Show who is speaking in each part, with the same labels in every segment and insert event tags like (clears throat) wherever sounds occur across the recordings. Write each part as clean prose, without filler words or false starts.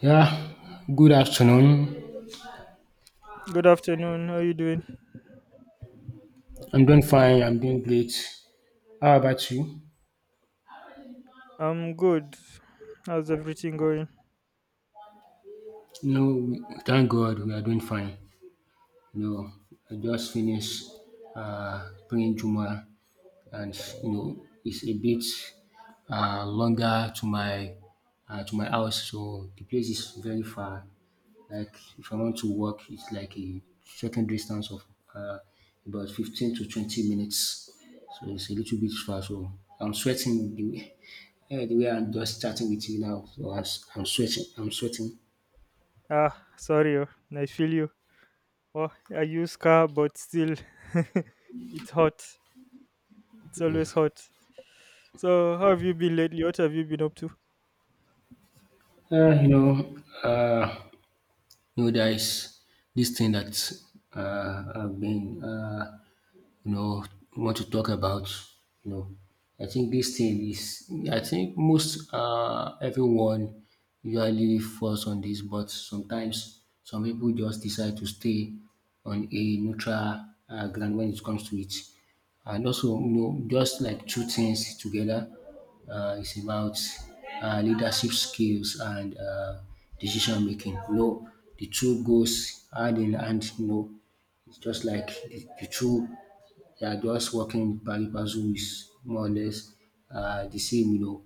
Speaker 1: Yeah, good afternoon.
Speaker 2: Good afternoon. How you doing?
Speaker 1: I'm doing fine. I'm doing great. How about you?
Speaker 2: I'm good. How's everything going?
Speaker 1: No, we, thank God we are doing fine. No, I just finished praying Juma, and you know it's a bit longer to my house. So the place is very far. Like if I want to walk, it's like a certain distance of uh, about 15 to 20 minutes. So it's a little bit far. So I'm sweating the way I'm just chatting with you now. So I'm sweating. I'm sweating.
Speaker 2: Ah, sorry. Oh, I feel you. Oh, I use car, but still, (laughs) it's hot. It's always hot. So, how have you been lately? What have you been up to?
Speaker 1: Uh, you know, uh, there is this thing that I've been. You know want to talk about, you know I think this thing is, I think, most everyone usually falls on this, but sometimes some people just decide to stay on a neutral ground when it comes to it. And also, you know, just like two things together, it's about leadership skills and decision making, you know. The two goes hand in hand, you know. It's just like the two, they are just working with pari passu, is more or less the same, you know.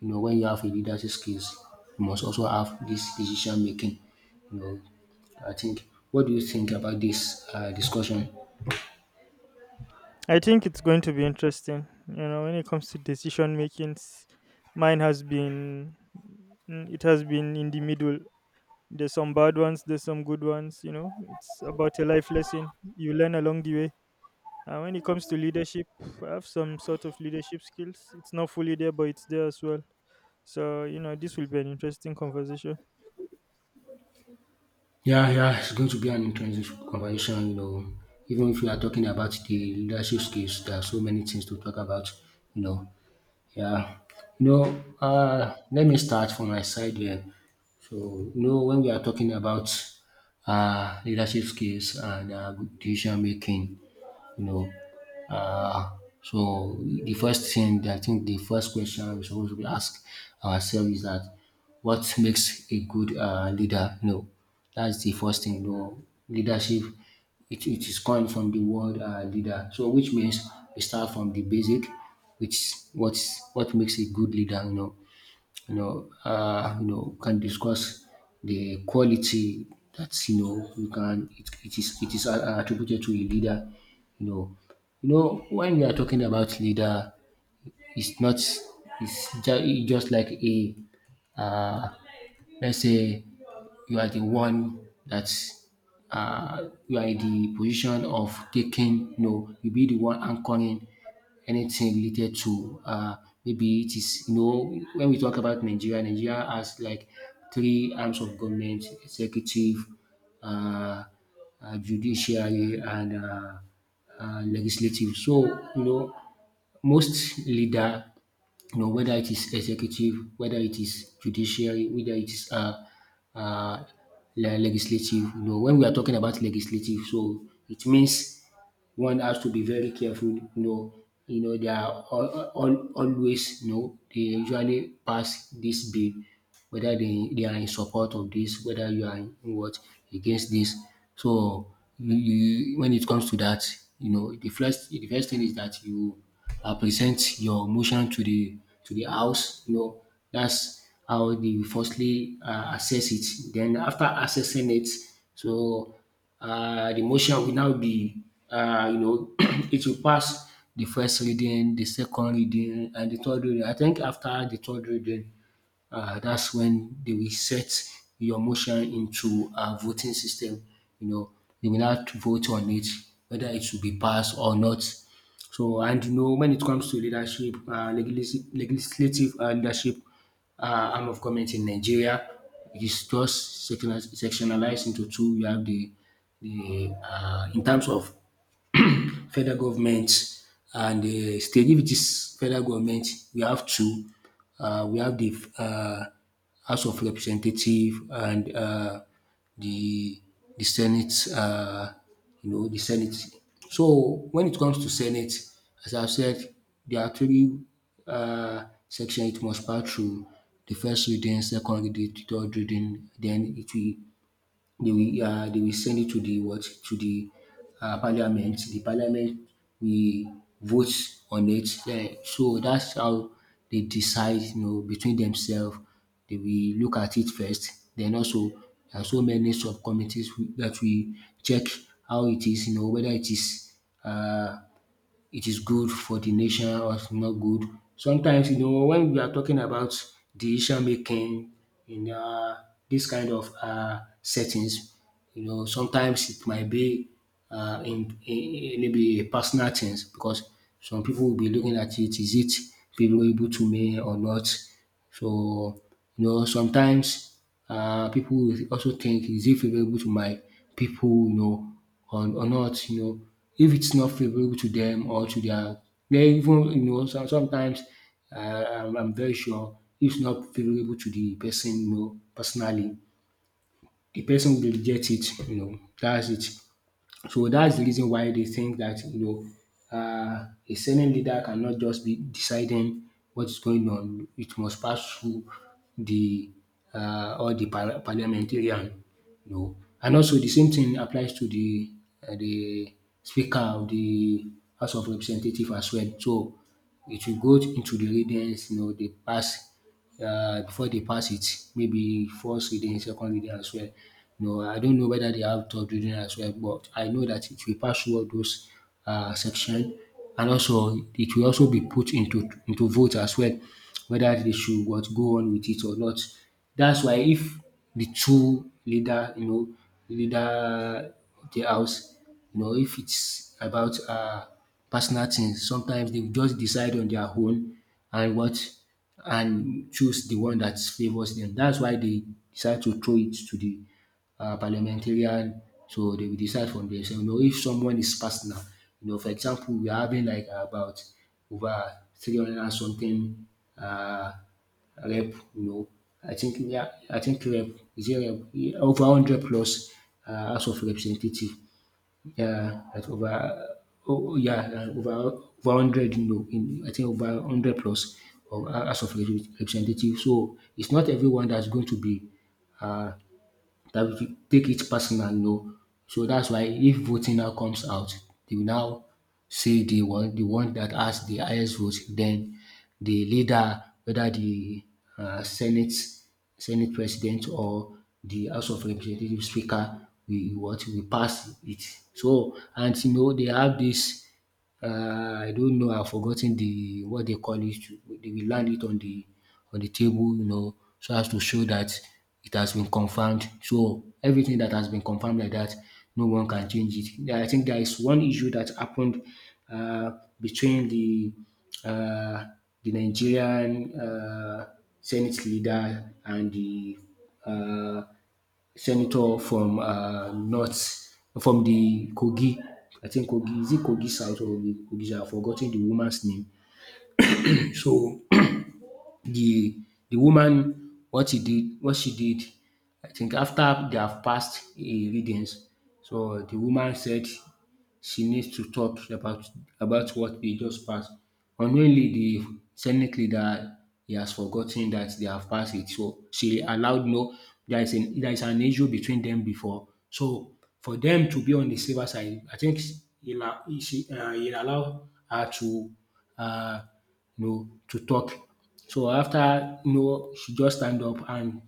Speaker 1: You know, when you have a leadership skills, you must also have this decision making. You know, I think. What do you think about this discussion?
Speaker 2: I think it's going to be interesting. You know, when it comes to decision making, mine has been, it has been in the middle. There's some bad ones. There's some good ones. You know, it's about a life lesson you learn along the way. And when it comes to leadership, I have some sort of leadership skills. It's not fully there, but it's there as well. So you know, this will be an interesting conversation.
Speaker 1: Yeah, yeah, it's going to be an interesting conversation. You know, even if we are talking about the leadership skills, there are so many things to talk about. You know. Yeah, let me start from my side here. So, you know, when we are talking about leadership skills and decision making, you know. Uh, so the first thing that, I think, the first question we are supposed to ask ourselves is that, what makes a good leader? You know, that's the first thing. You know, leadership, it is coined from the word leader. So which means we start from the basic, which what's what makes a good leader. Can discuss the quality that, you know, you can, it is attributed to a leader. You know, when we are talking about leader, it's not, it's just like a, uh, let's say, you are the one that, you are in the position of taking. You know, you be the one anchoring anything related to, maybe it is, you know, when we talk about Nigeria, Nigeria has like three arms of government: executive, uh, judiciary, and legislative. So you know most leader, you know whether it is executive, whether it is judiciary, whether it is uh, legislative. You know, when we are talking about legislative, so it means one has to be very careful, you know. They are always, you know, they usually pass this bill, whether they are in support of this, whether you are in what against this. So when it comes to that, you know, the first thing is that you, present your motion to the house. You know, that's how they firstly assess it. Then, after assessing it, so the motion will now be, uh, you know, (clears throat) it will pass the first reading, the second reading, and the third reading. I think after the third reading, that's when they will set your motion into a voting system. You know, they will not vote on it whether it should be passed or not. So, and you know, when it comes to leadership, legislative leadership, arm of government in Nigeria. It's just sectionalized into two. You have the in terms of federal government and the state. If it is federal government, we have two. We have the House of Representative and the the Senate. You know the Senate. So when it comes to Senate, as I've said, there are three sections it must pass through: the first reading, second reading, third reading. Then it will they will they will send it to the what to the parliament. The parliament will vote on it. Then so that's how they decide. You know, between themselves, they will look at it first. Then also there are so many subcommittees that we check how it is. You know whether it is, uh, it is good for the nation or it's not good. Sometimes, you know, when we are talking about decision making in dis kind of settings, you know, sometimes it might be in maybe a personal things, because some people will be looking at it: is it favourable to me or not? So, you know, sometimes people will also think, is it favourable to my people, you know, or not, you know. If it's not favorable to them or to their, they even you know sometimes I'm very sure, if it's not favorable to the person, you know, personally, the person will reject it, you know. That's it. So that's the reason why they think that, you know, a Senate leader cannot just be deciding what is going on. It must pass through the all the parliamentarian, you know. And also the same thing applies to the Speaker of the House of Representative as well. So it will go into the readings, you know, they pass before they pass it, maybe first reading, second reading as well. No, I don't know whether they have third reading as well, but I know that it will pass through all those section, and also it will also be put into vote as well, whether they should what go on with it or not. That's why if the two leader, you know, leader of the house, you know, if it's about personal things. Sometimes they just decide on their own and what and choose the one that favors them. That's why they decide to throw it to the parliamentarian. So they will decide from themselves. You know, if someone is personal. You know, for example, we are having like about over 300 and something, uh, rep, you know. I think. Yeah, I think rep, is it rep? Yeah, over hundred plus House of Representative. Yeah, like over. Oh yeah, like over 100, you know, in, I think, over 100 plus of House of Representatives. So it's not everyone that's going to be uh that we should take it personal, no. So that's why if voting now comes out, they will now say the one that has the highest vote, then the leader, whether the uh, Senate Senate President or the House of Representative Speaker, we what we pass it. So, and you know, they have this, I don't know. I've forgotten the what they call it. They will land it on the table, you know, so as to show that it has been confirmed. So everything that has been confirmed like that, no one can change it. Yeah, I think there is one issue that happened, uh, between uh, the Nigerian Senate leader and the uh, senator from, North, from the Kogi. I think Kogi, is it Kogi South or the Kogi? I've forgotten the woman's name. (clears throat) So (clears throat) the the woman, what she did, I think after they have passed a readings. So the woman said she needs to talk about, what they just passed. Unknowingly, the Senate leader he has forgotten that they have passed it. So she allowed, no, there is an issue between them before. So for them to be on the safer side, I think he la- he- she he allowed her uh, to talk. So after, you know, she just stand up and,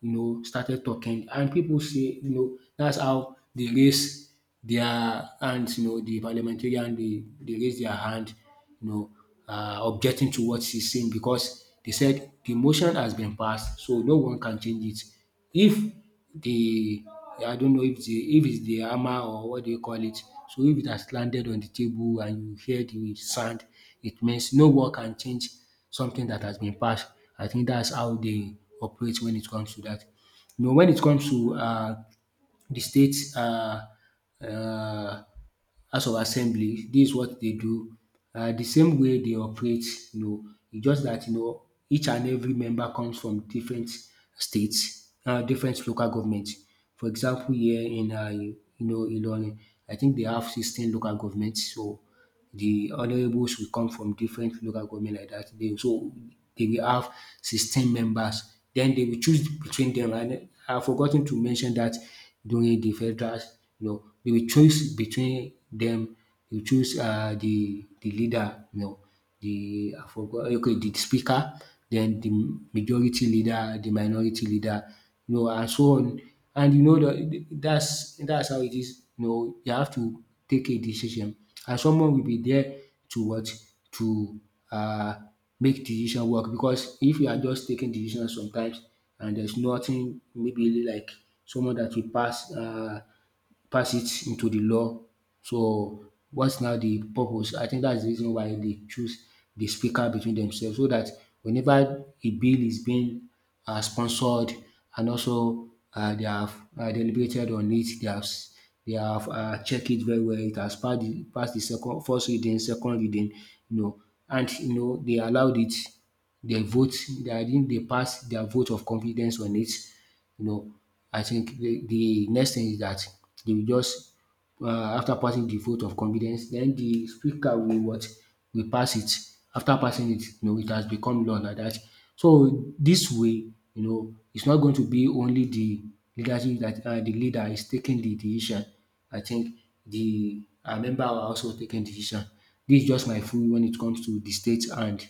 Speaker 1: you know, started talking. And people say, you know, that's how they raise their hands, you know, the parliamentarian, they raise their hand, you know, objecting to what she's saying, because they said the motion has been passed, so no one can change it. If the, I don't know, if the, if it's the hammer or what do you call it, so if it has landed on the table and you hear the sound, it means no one can change something that has been passed. I think that's how they operate when it comes to that. You know, when it comes to the state um House of Assembly. This is what they do. The same way they operate, you know, it's just that, you know, each and every member comes from different states, different local government. For example, here in Ilorin, I think they have 16 local governments. So the honourables will come from different local government like that. They will have 16 members. Then they will choose between them. And I forgot 10 to mention that during the federal, you know, they will choose between them. You choose the leader, you know, the I forgot okay, the speaker, then the majority leader, the minority leader, you know, and so on. And you know that's how it is. You know, you have to take a decision, and someone will be there to what to uh, make decision work. Because if you are just taking decisions sometimes, and there's nothing maybe like someone that will pass. Pass it into the law. So what's now the purpose? I think that's the reason why they choose the speaker between themselves so that whenever a bill is being sponsored and also they have deliberated on it, they have checked it very well. It has passed the second first reading, second reading, you know, and you know they allowed it. They vote. They, I think they pass their vote of confidence on it, you know, I think the next thing is that they will just, after passing the vote of confidence, then the speaker will what will pass it. After passing it, you know, it has become law like that. So this way, you know, it's not going to be only the leadership that the leader is taking the decision. I think the member are also taking decision. This is just my view when it comes to the state and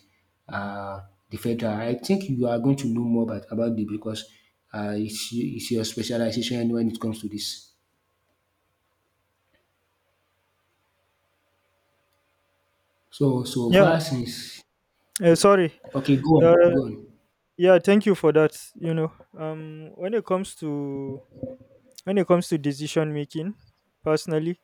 Speaker 1: uh, the federal. I think you are going to know more about it because it's your specialization when it comes to this. So so
Speaker 2: Yeah.
Speaker 1: far since
Speaker 2: Sorry.
Speaker 1: okay, go
Speaker 2: Uh,
Speaker 1: on, go on.
Speaker 2: yeah, thank you for that. You know, when it comes to decision making, personally,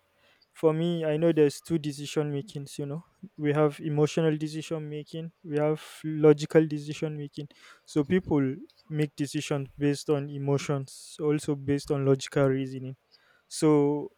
Speaker 2: for me, I know there's two decision makings, you know. We have emotional decision making, we have logical decision making. So people make decisions based on emotions, also based on logical reasoning. So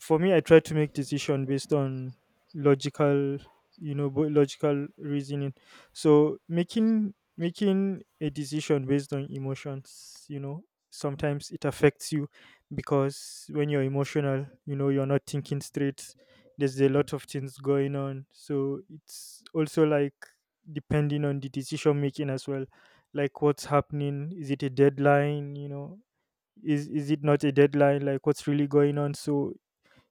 Speaker 2: for me, I try to make decision based on logical, you know, logical reasoning. So making a decision based on emotions, you know, sometimes it affects you, because when you're emotional, you know, you're not thinking straight. There's a lot of things going on, so it's also like depending on the decision making as well. Like, what's happening? Is it a deadline, you know? Is it not a deadline? Like, what's really going on? So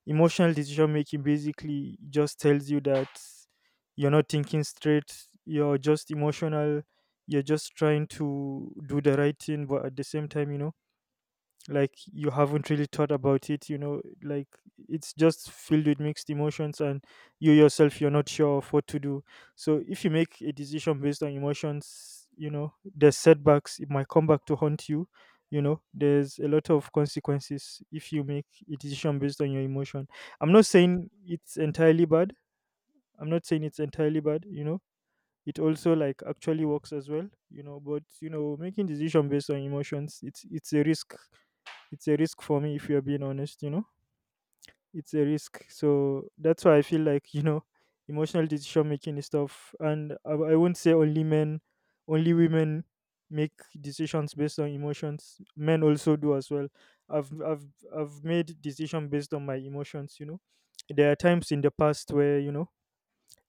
Speaker 2: emotional decision making basically just tells you that you're not thinking straight, you're just emotional, you're just trying to do the right thing, but at the same time, you know, like, you haven't really thought about it, you know. Like, it's just filled with mixed emotions, and you yourself, you're not sure of what to do. So if you make a decision based on emotions, you know, there's setbacks. It might come back to haunt you. You know, there's a lot of consequences if you make a decision based on your emotion. I'm not saying it's entirely bad. I'm not saying it's entirely bad. You know, it also like actually works as well, you know. But you know, making decision based on emotions, it's a risk. It's a risk for me, if you're being honest, you know. It's a risk. So that's why I feel like, you know, emotional decision making is tough. And I won't say only men, only women make decisions based on emotions. Men also do as well. I've i've i've made decision based on my emotions, you know. There are times in the past where, you know,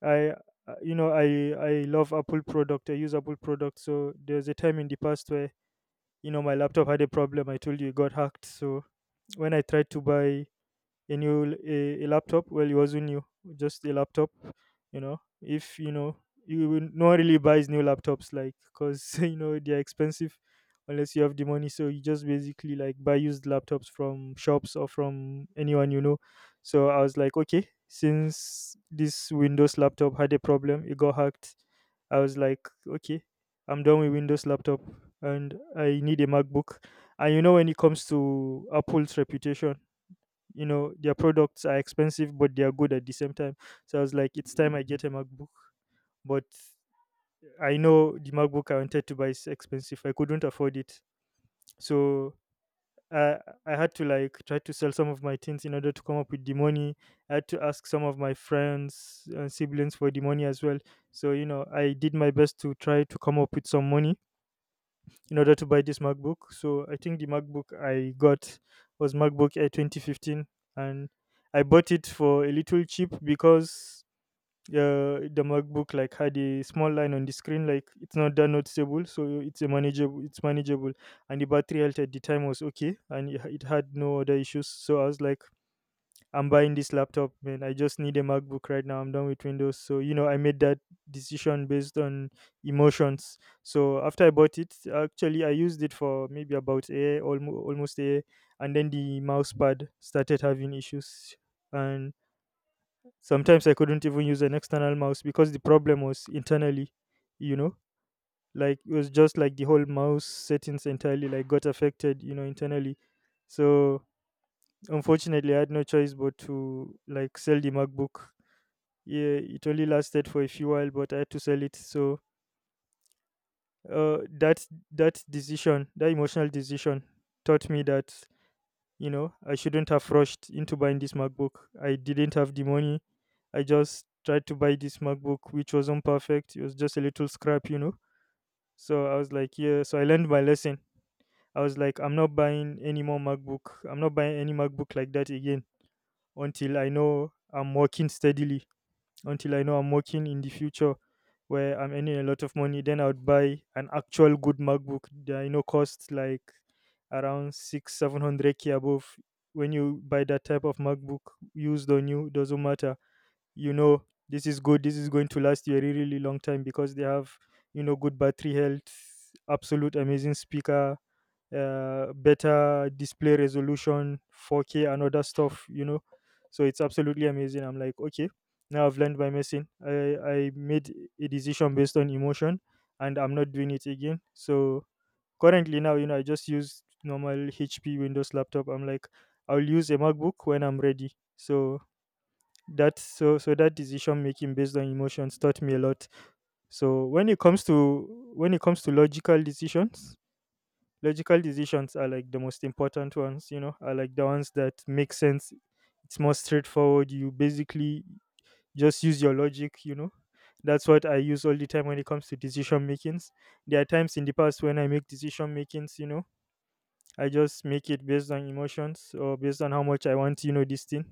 Speaker 2: I you know, I love Apple product. I use Apple product. So there's a time in the past where, you know, my laptop had a problem. I told you it got hacked. So when I tried to buy a laptop, well, it wasn't new, just a laptop. You know, if you know, no one really buys new laptops like, because (laughs) you know, they're expensive, unless you have the money. So you just basically like buy used laptops from shops or from anyone, you know. So I was like, okay, since this Windows laptop had a problem, it got hacked. I was like, okay, I'm done with Windows laptop, and I need a MacBook. And you know, when it comes to Apple's reputation, you know, their products are expensive, but they are good at the same time. So I was like, it's time I get a MacBook. But I know the MacBook I wanted to buy is expensive. I couldn't afford it. So i I had to like try to sell some of my things in order to come up with the money. I had to ask some of my friends and siblings for the money as well. So you know, I did my best to try to come up with some money in order to buy this MacBook. So I think the MacBook I got was MacBook Air 2015, and I bought it for a little cheap because the MacBook like had a small line on the screen. Like, it's not that noticeable, so it's a manageable, it's manageable, and the battery health at the time was okay, and it had no other issues. So I was like, I'm buying this laptop, man. I just need a MacBook right now. I'm done with Windows. So, you know, I made that decision based on emotions. So, after I bought it, actually, I used it for maybe about a year, almost a year. And then the mouse pad started having issues. And sometimes I couldn't even use an external mouse because the problem was internally, you know. Like, it was just like the whole mouse settings entirely like got affected, you know, internally. So, unfortunately, I had no choice but to like sell the MacBook. Yeah, it only lasted for a few while, but I had to sell it. So that that decision, that emotional decision, taught me that, you know, I shouldn't have rushed into buying this MacBook. I didn't have the money. I just tried to buy this MacBook, which wasn't perfect. It was just a little scrap, you know. So I was like, yeah, so I learned my lesson. I was like, I'm not buying any more MacBook. I'm not buying any MacBook like that again, until I know I'm working steadily, until I know I'm working in the future, where I'm earning a lot of money. Then I would buy an actual good MacBook that I know costs like around six, 700 K above. When you buy that type of MacBook, used or new, doesn't matter. You know, this is good, this is going to last you a really, really long time because they have, you know, good battery health, absolute amazing speaker, better display resolution, 4K and other stuff, you know. So it's absolutely amazing. I'm like, okay, now I've learned my lesson. I made a decision based on emotion, and I'm not doing it again. So currently now, you know, I just use normal HP Windows laptop. I'm like, I'll use a MacBook when I'm ready. So that so so that decision making based on emotions taught me a lot. So when it comes to logical decisions, logical decisions are like the most important ones, you know, are like the ones that make sense. It's more straightforward. You basically just use your logic, you know. That's what I use all the time when it comes to decision makings. There are times in the past when I make decision makings, you know, I just make it based on emotions or based on how much I want, you know, this thing.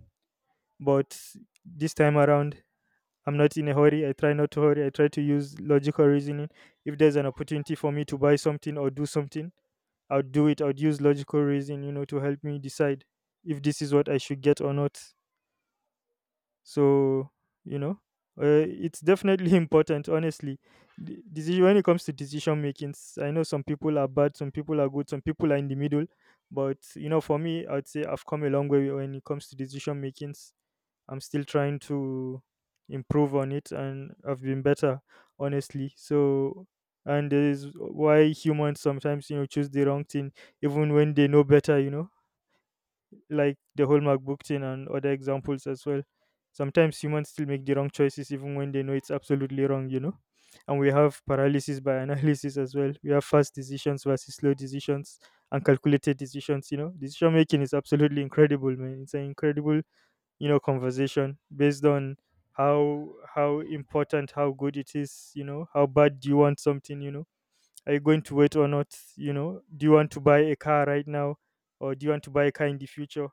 Speaker 2: But this time around, I'm not in a hurry. I try not to hurry. I try to use logical reasoning. If there's an opportunity for me to buy something or do something, I would do it. I would use logical reason, you know, to help me decide if this is what I should get or not. So, you know, it's definitely (laughs) important, honestly. Decision, when it comes to decision making, I know some people are bad, some people are good, some people are in the middle. But you know, for me, I'd say I've come a long way when it comes to decision making. I'm still trying to improve on it, and I've been better, honestly. So and is why humans sometimes, you know, choose the wrong thing even when they know better, you know, like the whole MacBook thing and other examples as well. Sometimes humans still make the wrong choices even when they know it's absolutely wrong, you know. And we have paralysis by (laughs) analysis as well. We have fast decisions versus slow decisions and calculated decisions, you know. Decision making is absolutely incredible, man. It's an incredible conversation based on how how important, how good it is, you know, how bad do you want something, you know, are you going to wait or not, you know, do you want to buy a car right now or do you want to buy a car in the future,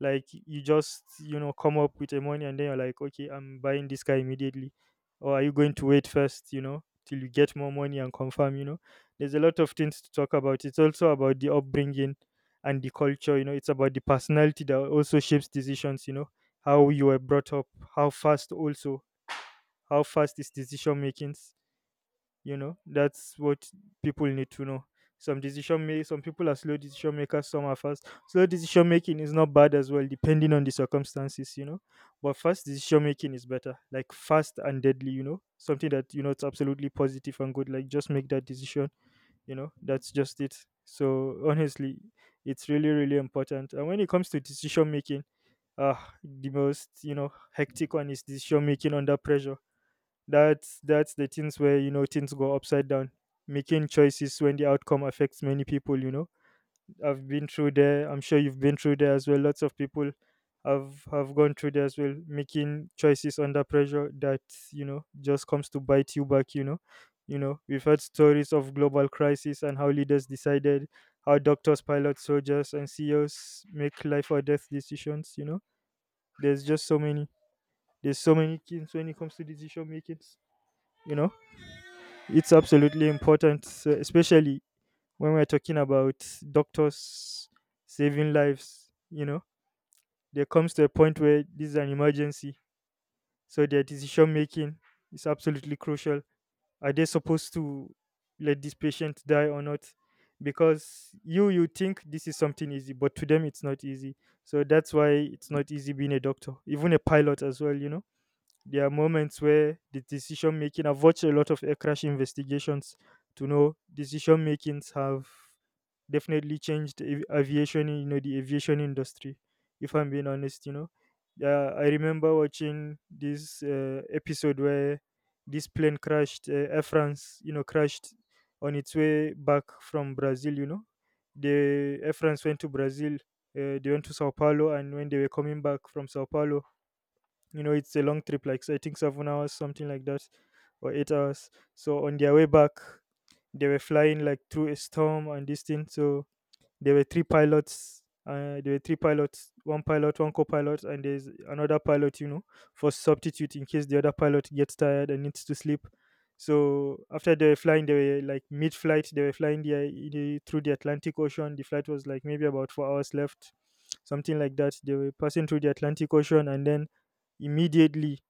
Speaker 2: like you just come up with the money and then you're like, okay, I'm buying this car immediately, or are you going to wait first, you know, till you get more money and confirm, you know, there's a lot of things to talk about. It's also about the upbringing and the culture, you know, it's about the personality that also shapes decisions, you know, how you were brought up, how fast also, how fast is decision making, you know, that's what people need to know. Some decision make some people are slow decision makers, some are fast. Slow decision making is not bad as well, depending on the circumstances, you know. But fast decision making is better, like fast and deadly, you know, something that you know it's absolutely positive and good, like just make that decision, you know, that's just it. So honestly, it's really really important, and when it comes to decision making, the most, you know, hectic one is decision making under pressure. That's the things where you know things go upside down. Making choices when the outcome affects many people, you know. I've been through there. I'm sure you've been through there as well. Lots of people have gone through there as well. Making choices under pressure that, you know, just comes to bite you back, you know. You know, we've heard stories of global crisis and how leaders decided, how doctors, pilots, soldiers, and CEOs make life or death decisions. You know, there's just so many. There's so many things when it comes to decision making. You know. It's absolutely important, especially when we're talking about doctors saving lives. You know, there comes to a point where this is an emergency. So their decision making is absolutely crucial. Are they supposed to let this patient die or not? Because you think this is something easy, but to them it's not easy. So that's why it's not easy being a doctor, even a pilot as well. You know. There are moments where the decision making, I've watched a lot of air crash investigations to know decision makings have definitely changed aviation, you know, the aviation industry, if I'm being honest, you know. Yeah, I remember watching this episode where this plane crashed, Air France, you know, crashed on its way back from Brazil, you know. The Air France went to Brazil, they went to Sao Paulo, and when they were coming back from Sao Paulo, you know, it's a long trip, like, so I think 7 hours, something like that, or 8 hours. So on their way back, they were flying like through a storm and this thing. So there were three pilots, one pilot, one co-pilot, and there's another pilot, you know, for substitute, in case the other pilot gets tired and needs to sleep. So after they were flying, they were like mid-flight, they were flying through the Atlantic Ocean. The flight was like maybe about 4 hours left, something like that. They were passing through the Atlantic Ocean, and then immediately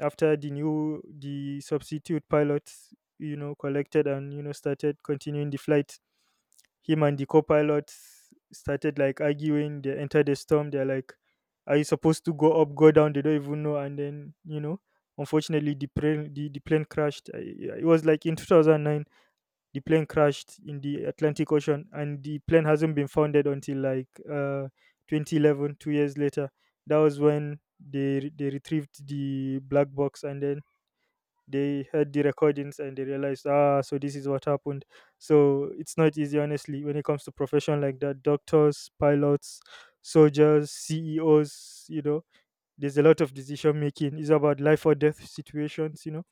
Speaker 2: after the new the substitute pilot, you know, collected and you know started continuing the flight, him and the co-pilot started like arguing. They entered the storm, they're like, are you supposed to go up, go down? They don't even know. And then, you know, unfortunately the plane, the plane crashed. It was like in 2009, the plane crashed in the Atlantic Ocean, and the plane hasn't been founded until like 2011, 2 years later. That was when they they retrieved the black box, and then they heard the recordings and they realized, ah, so this is what happened. So it's not easy, honestly, when it comes to profession like that. Doctors, pilots, soldiers, CEOs, you know, there's a lot of decision making. It's about life or death situations, you know,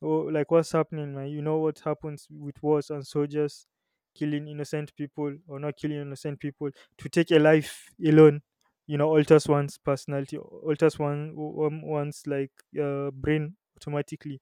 Speaker 2: or like what's happening, man. You know what happens with wars and soldiers killing innocent people or not killing innocent people. To take a life alone, you know, alters one's personality, alters one's like brain automatically.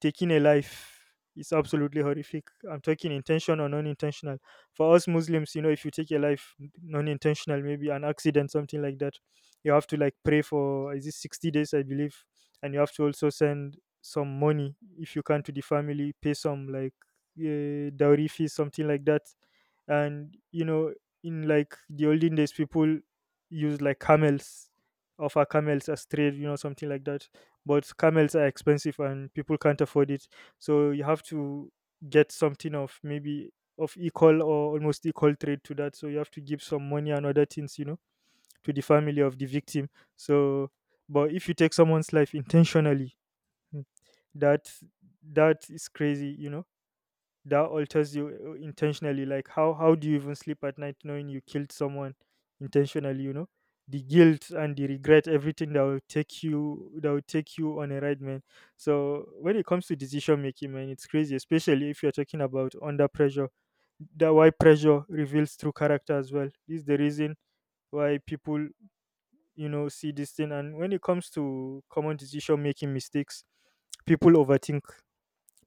Speaker 2: Taking a life is absolutely horrific. I'm talking intentional or non-intentional. For us Muslims, you know, if you take a life non-intentional, maybe an accident, something like that, you have to like pray for, is it 60 days, I believe, and you have to also send some money if you can to the family, pay some like dowry fees, something like that. And you know, in like the olden days, people use like camels, offer camels as trade, you know, something like that. But camels are expensive and people can't afford it, so you have to get something of maybe of equal or almost equal trade to that. So you have to give some money and other things, you know, to the family of the victim. So, but if you take someone's life intentionally, mm, that, that is crazy. You know, that alters you intentionally. Like, how do you even sleep at night knowing you killed someone intentionally? You know, the guilt and the regret, everything that will take you, on a ride, man. So when it comes to decision making, man, it's crazy, especially if you're talking about under pressure. That why pressure reveals true character as well. This is the reason why people you know see this thing. And when it comes to common decision making mistakes, people overthink,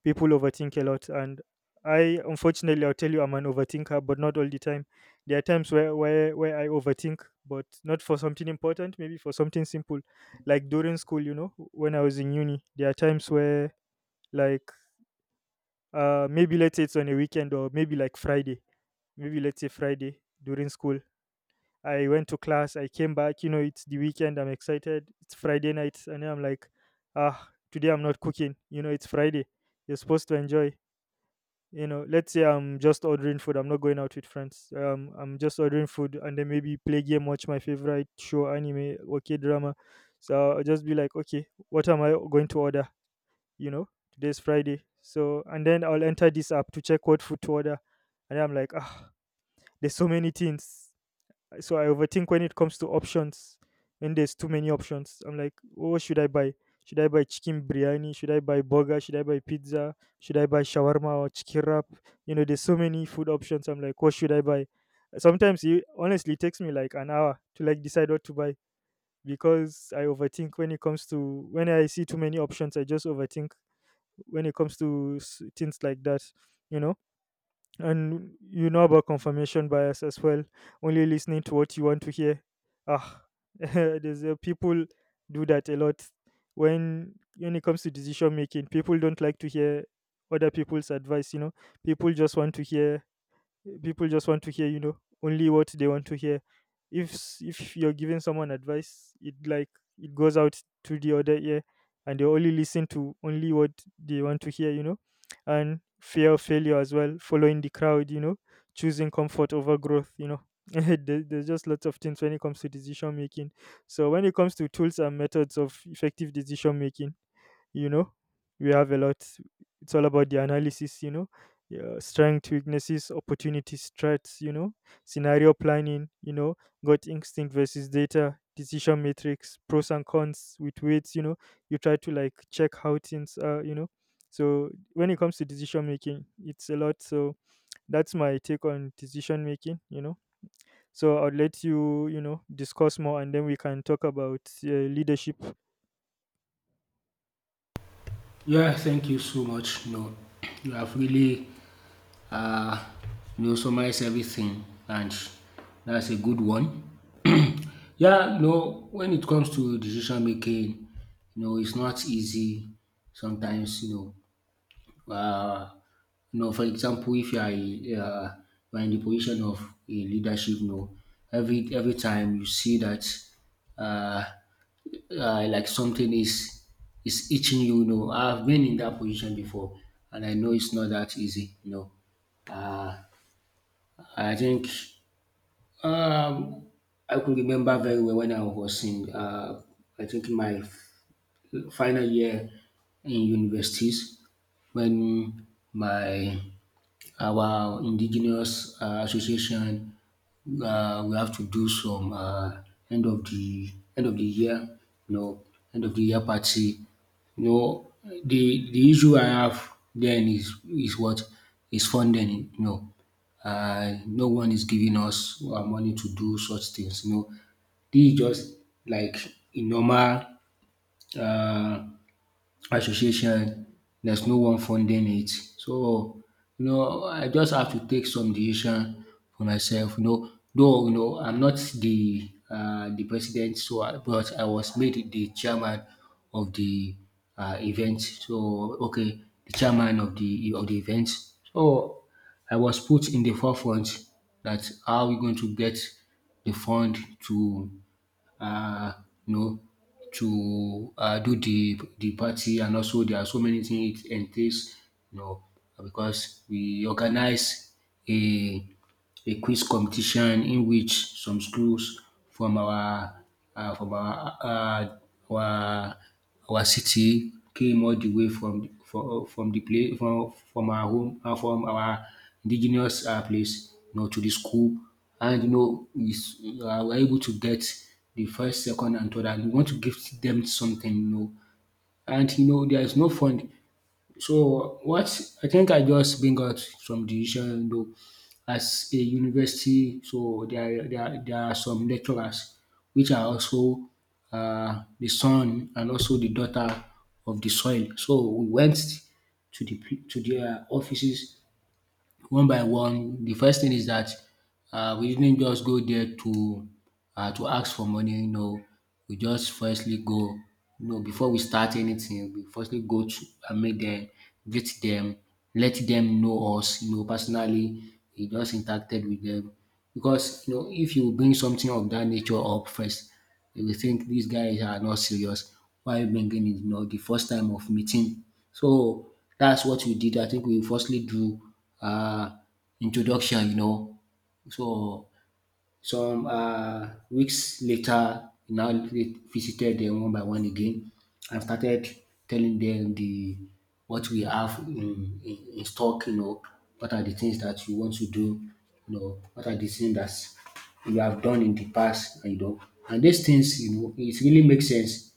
Speaker 2: people overthink a lot. And I unfortunately, I'll tell you, I'm an overthinker, but not all the time. There are times where I overthink, but not for something important, maybe for something simple, like during school, you know, when I was in uni, there are times where, like, maybe let's say it's on a weekend, or maybe like Friday, maybe let's say friday during school, I went to class, I came back, you know, it's the weekend, I'm excited, it's Friday night, and then I'm like, ah, today I'm not cooking, you know, it's Friday, you're supposed to enjoy. You know, let's say I'm just ordering food, I'm not going out with friends. I'm just ordering food, and then maybe play game, watch my favorite show, anime, okay, drama. So I'll just be like, okay, what am I going to order? You know, today's Friday. So, and then I'll enter this app to check what food to order. And I'm like, ah, there's so many things, so I overthink when it comes to options. When there's too many options, I'm like, "Oh, what should I buy? Should I buy chicken biryani? Should I buy burger? Should I buy pizza? Should I buy shawarma or chicken wrap? You know, there's so many food options. I'm like, what should I buy?" Sometimes it honestly takes me like an hour to like decide what to buy, because I overthink when it comes to, when I see too many options, I just overthink when it comes to things like that. You know, and you know about confirmation bias as well, only listening to what you want to hear. ah (laughs) there's people do that a lot. When it comes to decision making, people don't like to hear other people's advice, you know, people just want to hear, you know, only what they want to hear. If you're giving someone advice, it, like, it goes out to the other ear, and they only listen to only what they want to hear, you know. And fear of failure as well, following the crowd, you know, choosing comfort over growth, you know. (laughs) There's just lots of things when it comes to decision making. So when it comes to tools and methods of effective decision making, you know, we have a lot. It's all about the analysis, you know. Yeah, strength, weaknesses, opportunities, threats, you know, scenario planning, you know, gut instinct versus data, decision matrix, pros and cons with weights, you know, you try to like check how things are, you know. So when it comes to decision making, it's a lot. So that's my take on decision making, you know. So I'll let you, you know, discuss more, and then we can talk about leadership.
Speaker 1: Yeah, thank you so much. You know, you have really, uh, you know, summarized everything, and that's a good one. (clears throat) Yeah, you know, when it comes to decision making, you know, it's not easy sometimes. You know, Uh, no. For example, if you are a, you are in the position of a leadership, no. Every time you see that, uh, like something is itching you, you know. I've been in that position before, and I know it's not that easy, you know. I think um, I can remember very well when I was in, I think in my final year in universities when my our indigenous association, we have to do some end of the end of the year you know end of the year party, you know. The issue I have then is what is funding, you know. No one is giving us our money to do such things. You know, this is just like a normal uh, association. There's no one funding it. So, you know, I just have to take some decision for myself. You know, though you know I'm not the the president, so I, but I was made the chairman of the event. So okay, the chairman of the event. So I was put in the forefront that how we going to get the fund to uh, you know, do the party. And also there are so many things it entails, you know, because we organize a a quiz competition in which some schools from our uh, from our uh, our our city came all the way from from the place from our home, from our indigenous place, you know, to the school. And you know is we're able to get the first, second, and third, and we want to give them something, you know, and you know there is no fund. So what, I think I just bring out some decision though as a university. So there are some lecturers which are also the son and also the daughter of the soil. So we went to to their offices one by one. The first thing is that we didn't just go there to ask for money, no. We just firstly go, you know, before we start anything, we firstly go to meet dem, greet dem, let dem know us, you know, personally. We just interacted with dem because you know if you bring something of dat nature up first, if they will think these guys are not serious. Why are you bringing it? You know, the first time of meeting. So that's what we did. I think we firstly do uh, introduction, you know. So some weeks later, he now visited them one by one again and started telling them the what we have in in stock, you know, what are the things that you want to do, you know, what are the things that you have done in the past, you know. And these things, you know, it really makes sense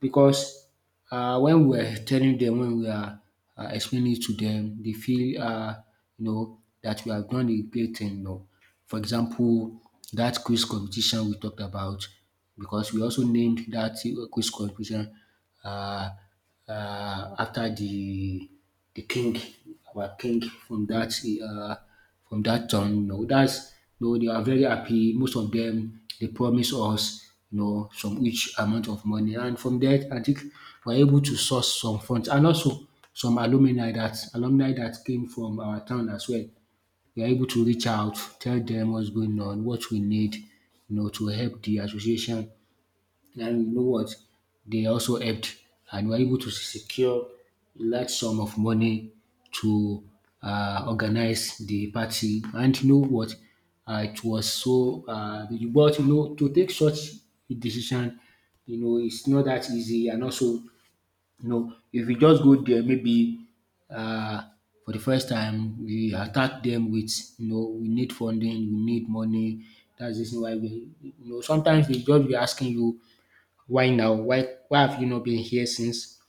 Speaker 1: because when we are telling dem, when we are explaining it to dem, dey feel you know that we have done a great thing, you know. For example, that quiz competition we talked about, because we also named that quiz competition, um after the king, our king uh, from that town. You know, that's, you know, they are very happy. Most of them they promise us, you know, some each amount of money, and from there I think we're able to source some funds, and also some alumni that came from our town as well. We are able to reach out, tell them what's going on, what we need, you know, to help the association, and you know what? They also helped and were able to secure a large sum of money to organize the party. And you know what? It was so, but you know, to take such a decision, you know, it's not that easy. And also, you know, if you just go there, maybe uh, for the first time, we attack them with, you know, we need funding, we need money. That's the reason why we, you know, sometimes they just be asking you why now? Why have you not been here since?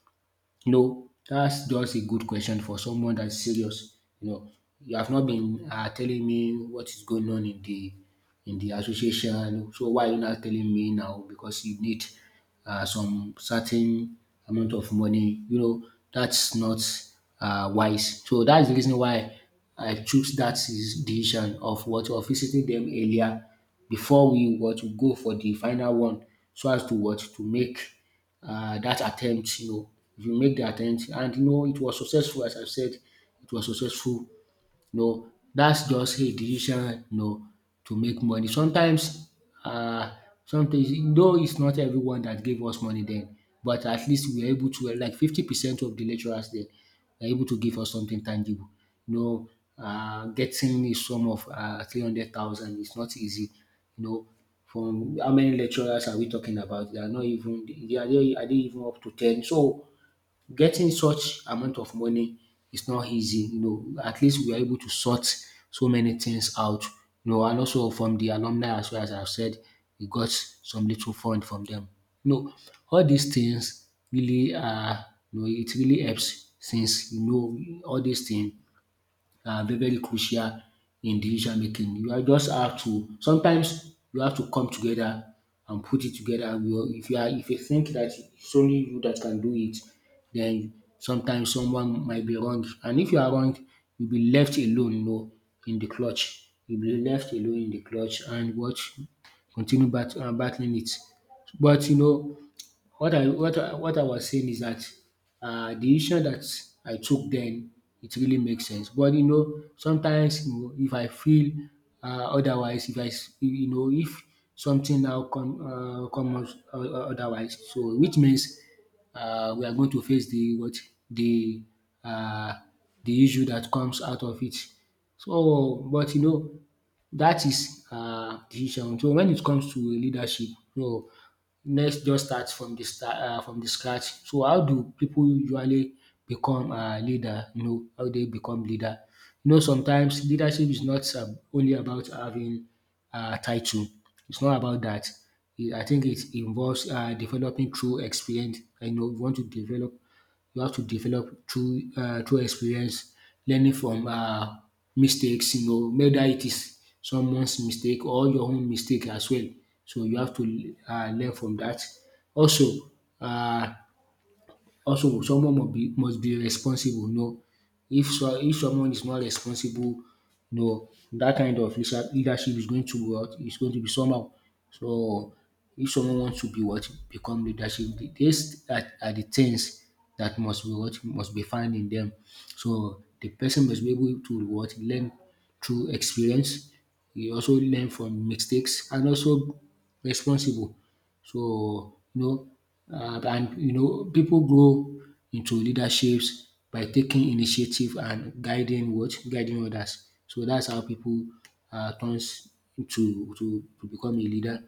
Speaker 1: No, that's just a good question for someone that's serious. You know, you have not been, telling me what is going on in the association. So why are you not telling me now? Because you need, some certain amount of money. You know, that's not wise. So that's the reason why I choose that is- decision of what of visiting them earlier before we were to go for the final one, so as to what to make that attempt. You know, if you make the attempt, and you know it was successful, as I said, it was successful. You know, that's just a decision, you know, to make money. Sometimes um sometimes though it's not everyone that gave us money then, but at least we were able to, like 50% of the lecturers there were able to give us something tangible. You know, getting a sum of 300,000 is not easy. You know, from how many lecturers are we talking about? They are not even they are they even up to ten. So getting such amount of money is not easy, you know, at least we are able to sort so many things out, you know, and also from the alumni as well, as I've said, we got some little fund from them. You know, all these things really are, you know, it really helps since you know all these things are very very crucial in decision making. You are just have to sometimes you have to come together and put it together. You- If you are if you think that it's only you that can do it, then sometimes someone might be wrong. And if you are wrong, you'll be left alone, you know, in the clutch. You'll be left alone in the clutch and what continue battling it. But you know, what I what I was saying is that the issue that I took then, it really makes sense. But you know, sometimes you know, if I feel, otherwise, if I you know if something now comes, otherwise, so which means we are going to face the what the uh, the issue that comes out of it. So, but you know, that is decision. So when it comes to leadership, so next, just start from the scratch. So how do people usually become a leader? You know how they become leader? You know sometimes leadership is not only about having a title, it's not about that. I think it involves developing through experience. I know you want to develop, you have to develop through experience, learning from mistakes, you know, whether it is someone's mistake or your own mistake as well. So you have to learn from dat. Also um Also, someone must be responsible. No, if someone is not responsible, no, that kind of leadership is going to be what, is going to be somehow. So, if someone wants to be what become leadership, these are the things that must be what must be found in them. So, the person must be able to what learn through experience. He also learn from mistakes and also responsible. So, you know, and you know people grow into leaderships by taking initiative and guiding what? Guiding others. So that's how people, turns to to to become a leader.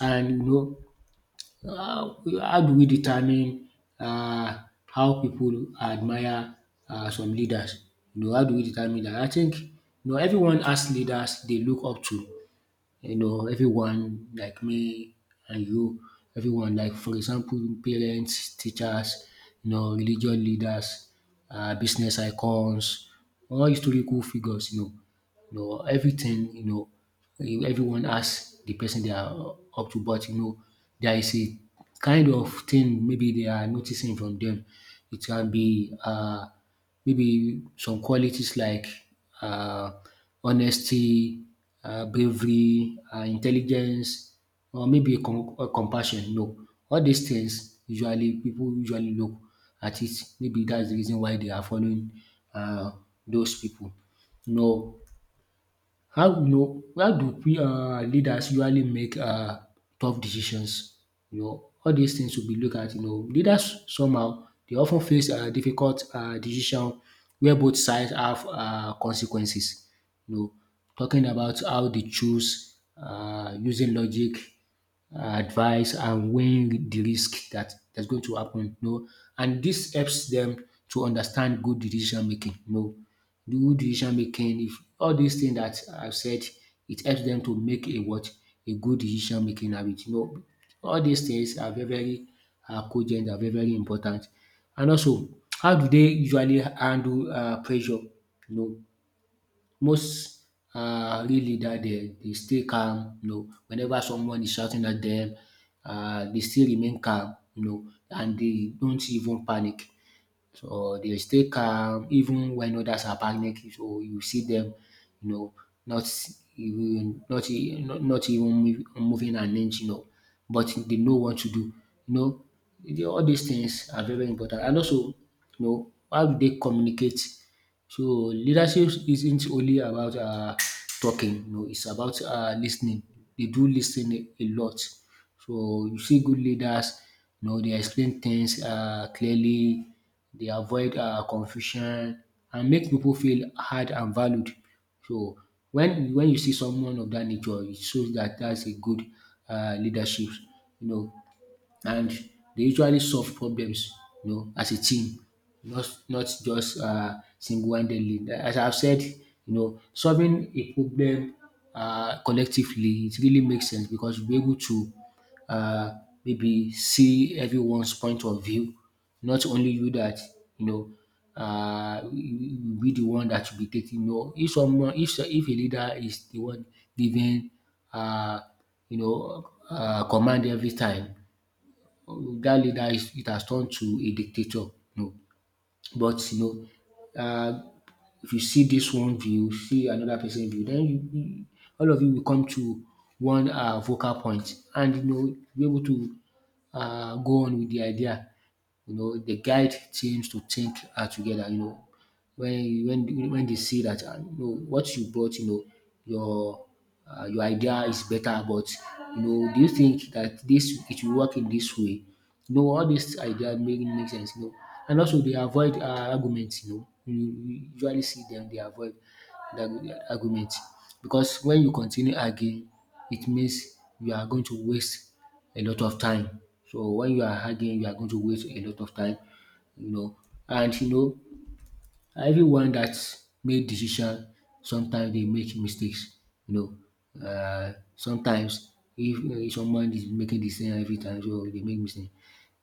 Speaker 1: And you know how do we determine, uh, how people admire some leaders? You know how do we determine that? I think you know everyone has leaders they look up to, you know, everyone like me and you, everyone like, for example, parents, teachers, you know, religious leaders, business icons, all historical figures, you know, everything, you know, you everyone asks the person they are up to, but you know, there is a kind of thing maybe they are noticing from them. It can be maybe some qualities like uh, honesty, bravery, intelligence, or maybe com- or compassion. You know, all these things usually people usually look at it. Maybe that's the reason why they are following uh, those people. You know, how, you know, how do we, leaders usually make tough decisions? You know all these things we be looked at, you know, leaders somehow they often face difficult decision where both sides have consequences. You know talking about how they choose using logic, advice and weighing the risk that that's going to happen, you know, and this helps them to understand good decision making. You know the good decision making, if all these things that I've said, it helps them to make a what? A good decision making habit. You know, all these things are very, very cogent and very, very important. And also, how do they usually handle pressure? You know, most real leader dem dey stay calm, you know, whenever someone is shouting at dem, they still remain calm, you know, and they don't even panic. So they stay calm even when others are panicking. So you see them, you know, not even not even moving an inch, you know, but they know what to do. You know, all these things are very important. And also, you know, how do they communicate? So leadership isn't only about talking, no, it's about listening. They do listen a lot. So you see good leaders, you know, they explain things clearly, they avoid confusion and make people feel heard and valued. So when you see someone of that nature, it shows that that's a good leadership. You know, and they usually solve problems, you know, as a team, not just single-handedly. As I've said, you know, solving a problem collectively it really makes sense because we're able to uh, maybe see everyone's point of view, not only you that you know will be the one that will be taking. No, if someone, if a leader is the one giving, uh, you know, command every time, that leader is it has turned to a dictator. No, but you know, if you see this one view, see another person view, then all of you will come to one vocal point, and you know, be able to go on with the idea. You know, they guide teams to think together. You know, when they see that you know what you brought, you know, your your idea is better. But you know, do you think that this it will work in this way? You know, all these ideas make sense. You know, and also they avoid arguments. You know, you usually see them they avoid the argument because when you continue arguing, it means you are going to waste a lot of time. So when you are arguing, you are going to waste a lot of time, you know. And you know, everyone that make decision, sometimes they make mistakes, you know. Sometimes if someone is making decision every time, so they make mistake.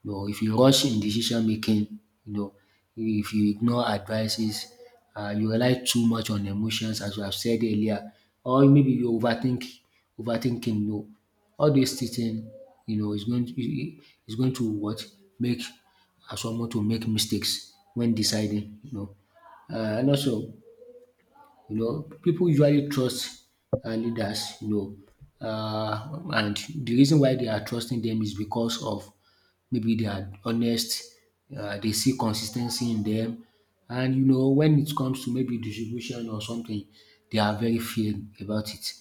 Speaker 1: You know, if you rush in decision making, you know, if you ignore advices, you rely too much on emotions, as you have said earlier, or maybe you overthink, overthinking. You know, all this teaching, you know, is going to what make someone to make mistakes when deciding. You know, and also you know, people usually trust leaders, you know, and the reason why they are trusting them is because of maybe they are honest, they see consistency in them. And, you know, when it comes to maybe distribution or something, they are very fair about it.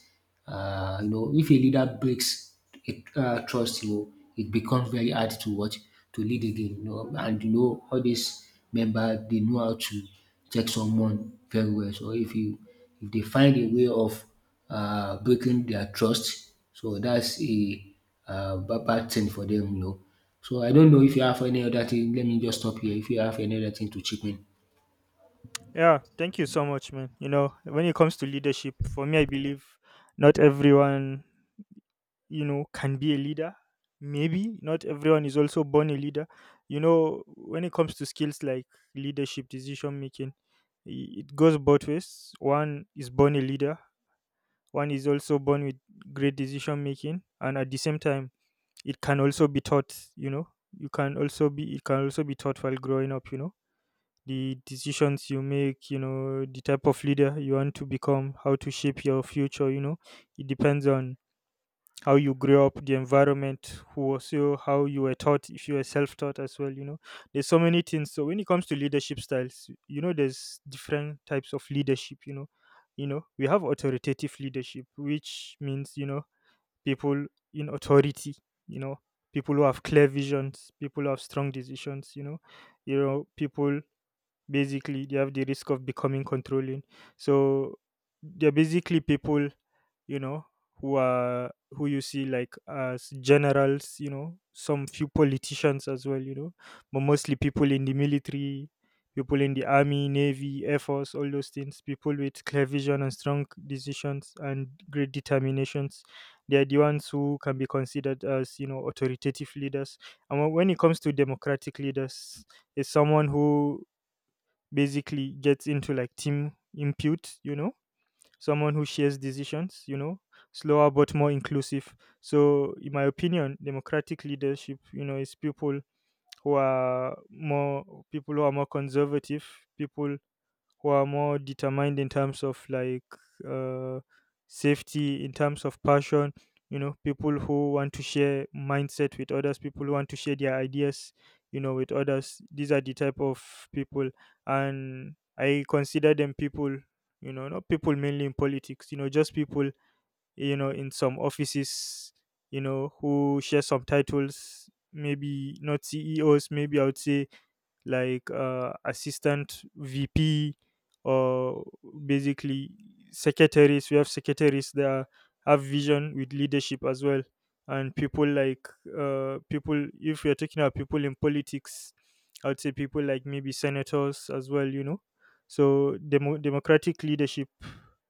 Speaker 1: You know, if a leader breaks a trust, you know, it becomes very hard to watch to lead again. You know, and you know all these members they know how to check someone very well. So if you, if they find a way of breaking their trust, so that's a bad thing for them. You know. So I don't know if you have any other thing. Let me just stop here. If you have any other thing to chip in.
Speaker 2: Yeah, thank you so much, man. You know, when it comes to leadership, for me, I believe not everyone, you know, can be a leader. Maybe not everyone is also born a leader. You know, when it comes to skills like leadership, decision making, it goes both ways. One is born a leader, one is also born with great decision making, and at the same time, it can also be taught, you know, you can also be, it can also be taught while growing up, you know, the decisions you make, you know, the type of leader you want to become, how to shape your future, you know. It depends on how you grew up, the environment, who was you, how you were taught, if you were self taught as well, you know. There's so many things. So when it comes to leadership styles, you know, there's different types of leadership, you know. We have authoritative leadership, which means, people in authority, you know, people who have clear visions, people who have strong decisions, people basically they have the risk of becoming controlling, so they're basically people, you know who you see like as generals, some few politicians as well, but mostly people in the military, people in the army, navy, air force, all those things, people with clear vision and strong decisions and great determinations. They are the ones who can be considered as, authoritative leaders. And when it comes to democratic leaders, is someone who basically gets into like team impute, someone who shares decisions, slower but more inclusive. So, in my opinion, democratic leadership, is people who are more conservative, people who are more determined in terms of like uh, safety, in terms of passion, people who want to share mindset with others, people who want to share their ideas, with others. These are the type of people. And I consider them people, not people mainly in politics, just people, in some offices, who share some titles, maybe not CEOs, maybe I would say like assistant VP or basically secretaries. We have secretaries that have vision with leadership as well. And people like people, if you're talking about people in politics, I would say people like maybe senators as well. So democratic leadership,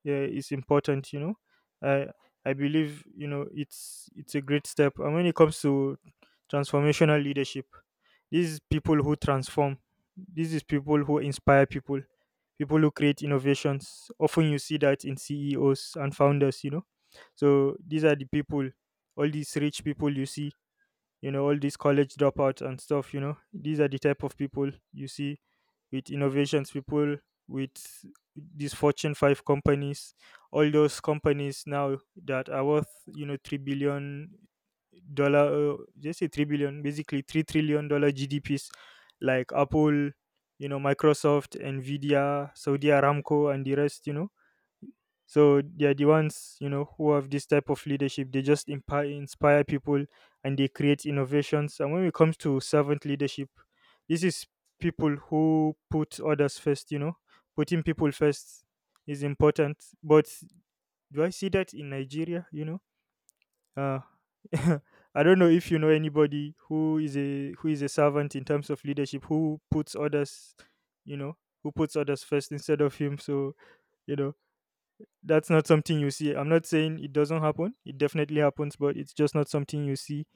Speaker 2: yeah, is important. I I believe it's a great step. And when it comes to transformational leadership, this is people who transform. This is people who inspire people, people who create innovations. Often you see that in CEOs and founders. So these are the people, all these rich people you see, all these college dropouts and stuff. These are the type of people you see with innovations, people with these Fortune 5 companies, all those companies now that are worth 3 billion dollar, just say 3 billion, basically $3 trillion GDPs, like Apple, Microsoft, Nvidia, Saudi Aramco, and the rest. So they're the ones, who have this type of leadership. They just inspire people, and they create innovations. And when it comes to servant leadership, this is people who put others first, putting people first is important, but do I see that in Nigeria? Uh (laughs) I don't know if you know anybody who is a servant in terms of leadership, who puts others, you know who puts others first instead of him. So, you know that's not something you see. I'm not saying it doesn't happen. It definitely happens, but it's just not something you see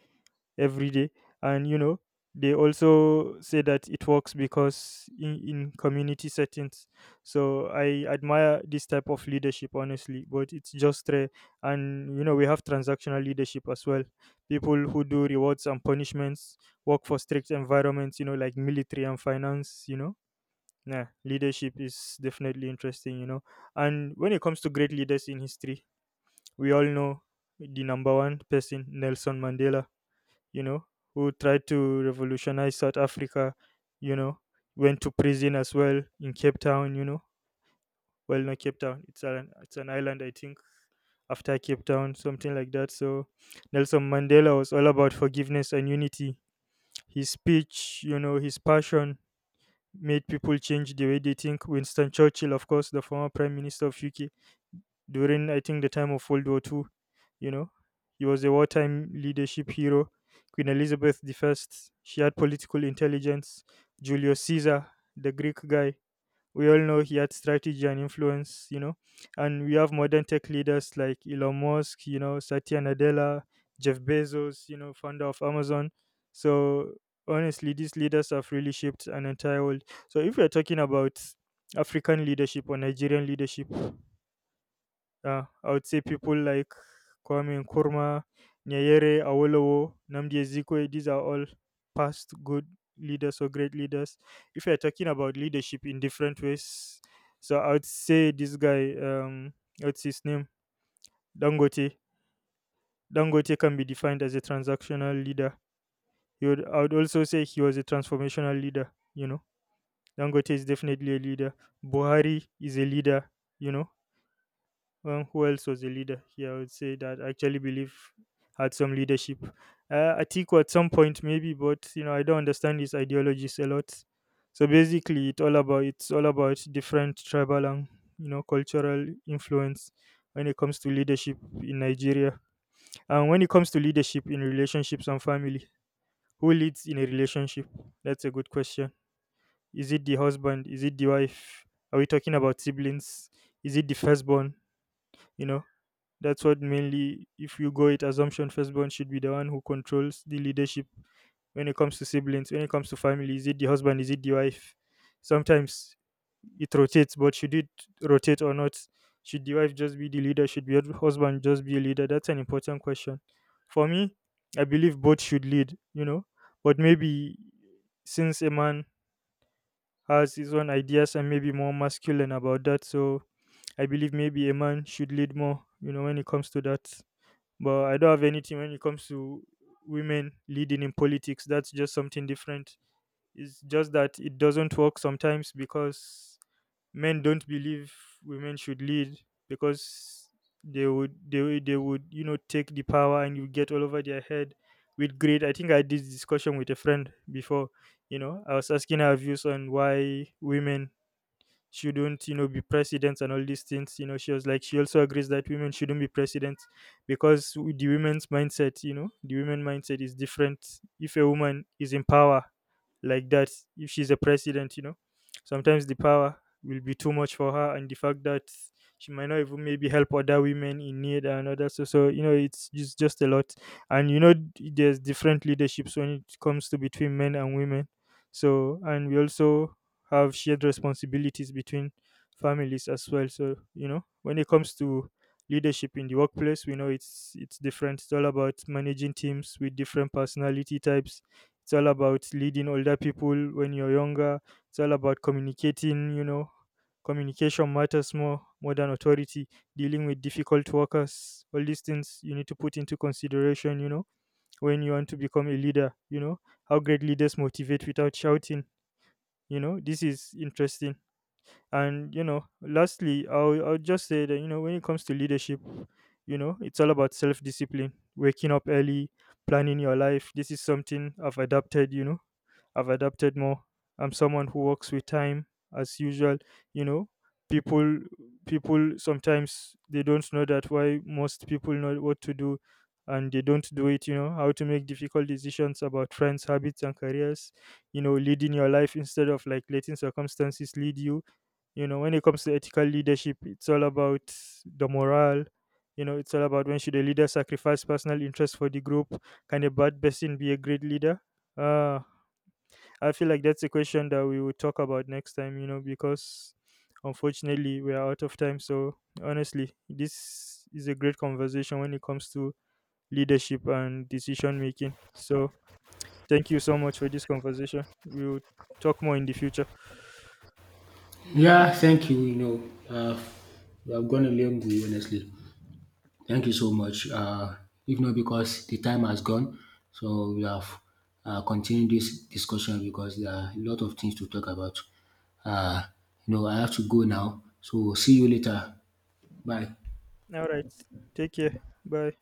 Speaker 2: every day. And they also say that it works because in community settings. So I admire this type of leadership, honestly, but it's just rare. And we have transactional leadership as well. People who do rewards and punishments, work for strict environments, like military and finance, yeah, leadership is definitely interesting. And when it comes to great leaders in history, we all know the number one person, Nelson Mandela, you know, who tried to revolutionize South Africa, you know, went to prison as well in Cape Town. Well, not Cape Town, it's an island, I think, after Cape Town, something like that. So Nelson Mandela was all about forgiveness and unity. His speech, his passion made people change the way they think. Winston Churchill, of course, the former Prime Minister of UK, during I think the time of World War II, you know, he was a wartime leadership hero. Queen Elizabeth I, she had political intelligence. Julius Caesar, the Greek guy, we all know he had strategy and influence, and we have modern tech leaders like Elon Musk, Satya Nadella, Jeff Bezos, founder of Amazon. So honestly, these leaders have really shaped an entire world. So if we are talking about African leadership or Nigerian leadership, yeah, I would say people like Kwame Nkrumah, Nyerere, Awolowo, Namdi Ezikwe, these are all past good leaders or great leaders. If you're talking about leadership in different ways, so I would say this guy, what's his name? Dangote. Dangote can be defined as a transactional leader. He would, I would also say he was a transformational leader. Dangote is definitely a leader. Buhari is a leader, you know who else was a leader here? I would say that I actually believe had some leadership. Atiku at some point maybe, but I don't understand his ideologies a lot. So basically, it's all about different tribal and cultural influence when it comes to leadership in Nigeria, and when it comes to leadership in relationships and family. Who leads in a relationship? That's a good question. Is it the husband? Is it the wife? Are we talking about siblings? Is it the firstborn? You know, that's what mainly, if you go it, assumption firstborn should be the one who controls the leadership when it comes to siblings, when it comes to family. Is it the husband? Is it the wife? Sometimes it rotates, but should it rotate or not? Should the wife just be the leader? Should the husband just be a leader? That's an important question. For me, I believe both should lead, but maybe since a man has his own ideas and maybe more masculine about that, so I believe maybe a man should lead more, when it comes to that. But I don't have anything when it comes to women leading in politics. That's just something different. It's just that it doesn't work sometimes because men don't believe women should lead because they would take the power and you get all over their head with greed. I think I had this discussion with a friend before. I was asking her views on why women shouldn't be presidents and all these things, she was like she also agrees that women shouldn't be presidents because the women's mindset, the women mindset is different. If a woman is in power like that, if she's a president, sometimes the power will be too much for her, and the fact that she might not even maybe help other women in need and other. So it's just a lot. And there's different leaderships when it comes to between men and women. So, and we also have shared responsibilities between families as well. So, when it comes to leadership in the workplace, we know it's different. It's all about managing teams with different personality types. It's all about leading older people when you're younger. It's all about communicating. Communication matters more than authority. Dealing with difficult workers, all these things you need to put into consideration, when you want to become a leader, how great leaders motivate without shouting. This is interesting. And, lastly, I'll just say that, when it comes to leadership, it's all about self discipline, waking up early, planning your life. This is something I've adapted, I've adapted more. I'm someone who works with time as usual, you know. People people sometimes they don't know that why most people know what to do and they don't do it, how to make difficult decisions about friends, habits and careers, leading your life instead of like letting circumstances lead you. When it comes to ethical leadership, it's all about the morale. It's all about when should a leader sacrifice personal interest for the group? Can a bad person be a great leader? Uh I feel like that's a question that we will talk about next time, because unfortunately we are out of time. So honestly, this is a great conversation when it comes to leadership and decision making. So thank you so much for this conversation. We will talk more in the future.
Speaker 1: Yeah, thank you. You know, uh, you have gone a long way, honestly. Thank you so much. If not because the time has gone, so we have continued this discussion because there are a lot of things to talk about. Uh, you know, I have to go now. So see you later. Bye.
Speaker 2: All right. Take care. Bye.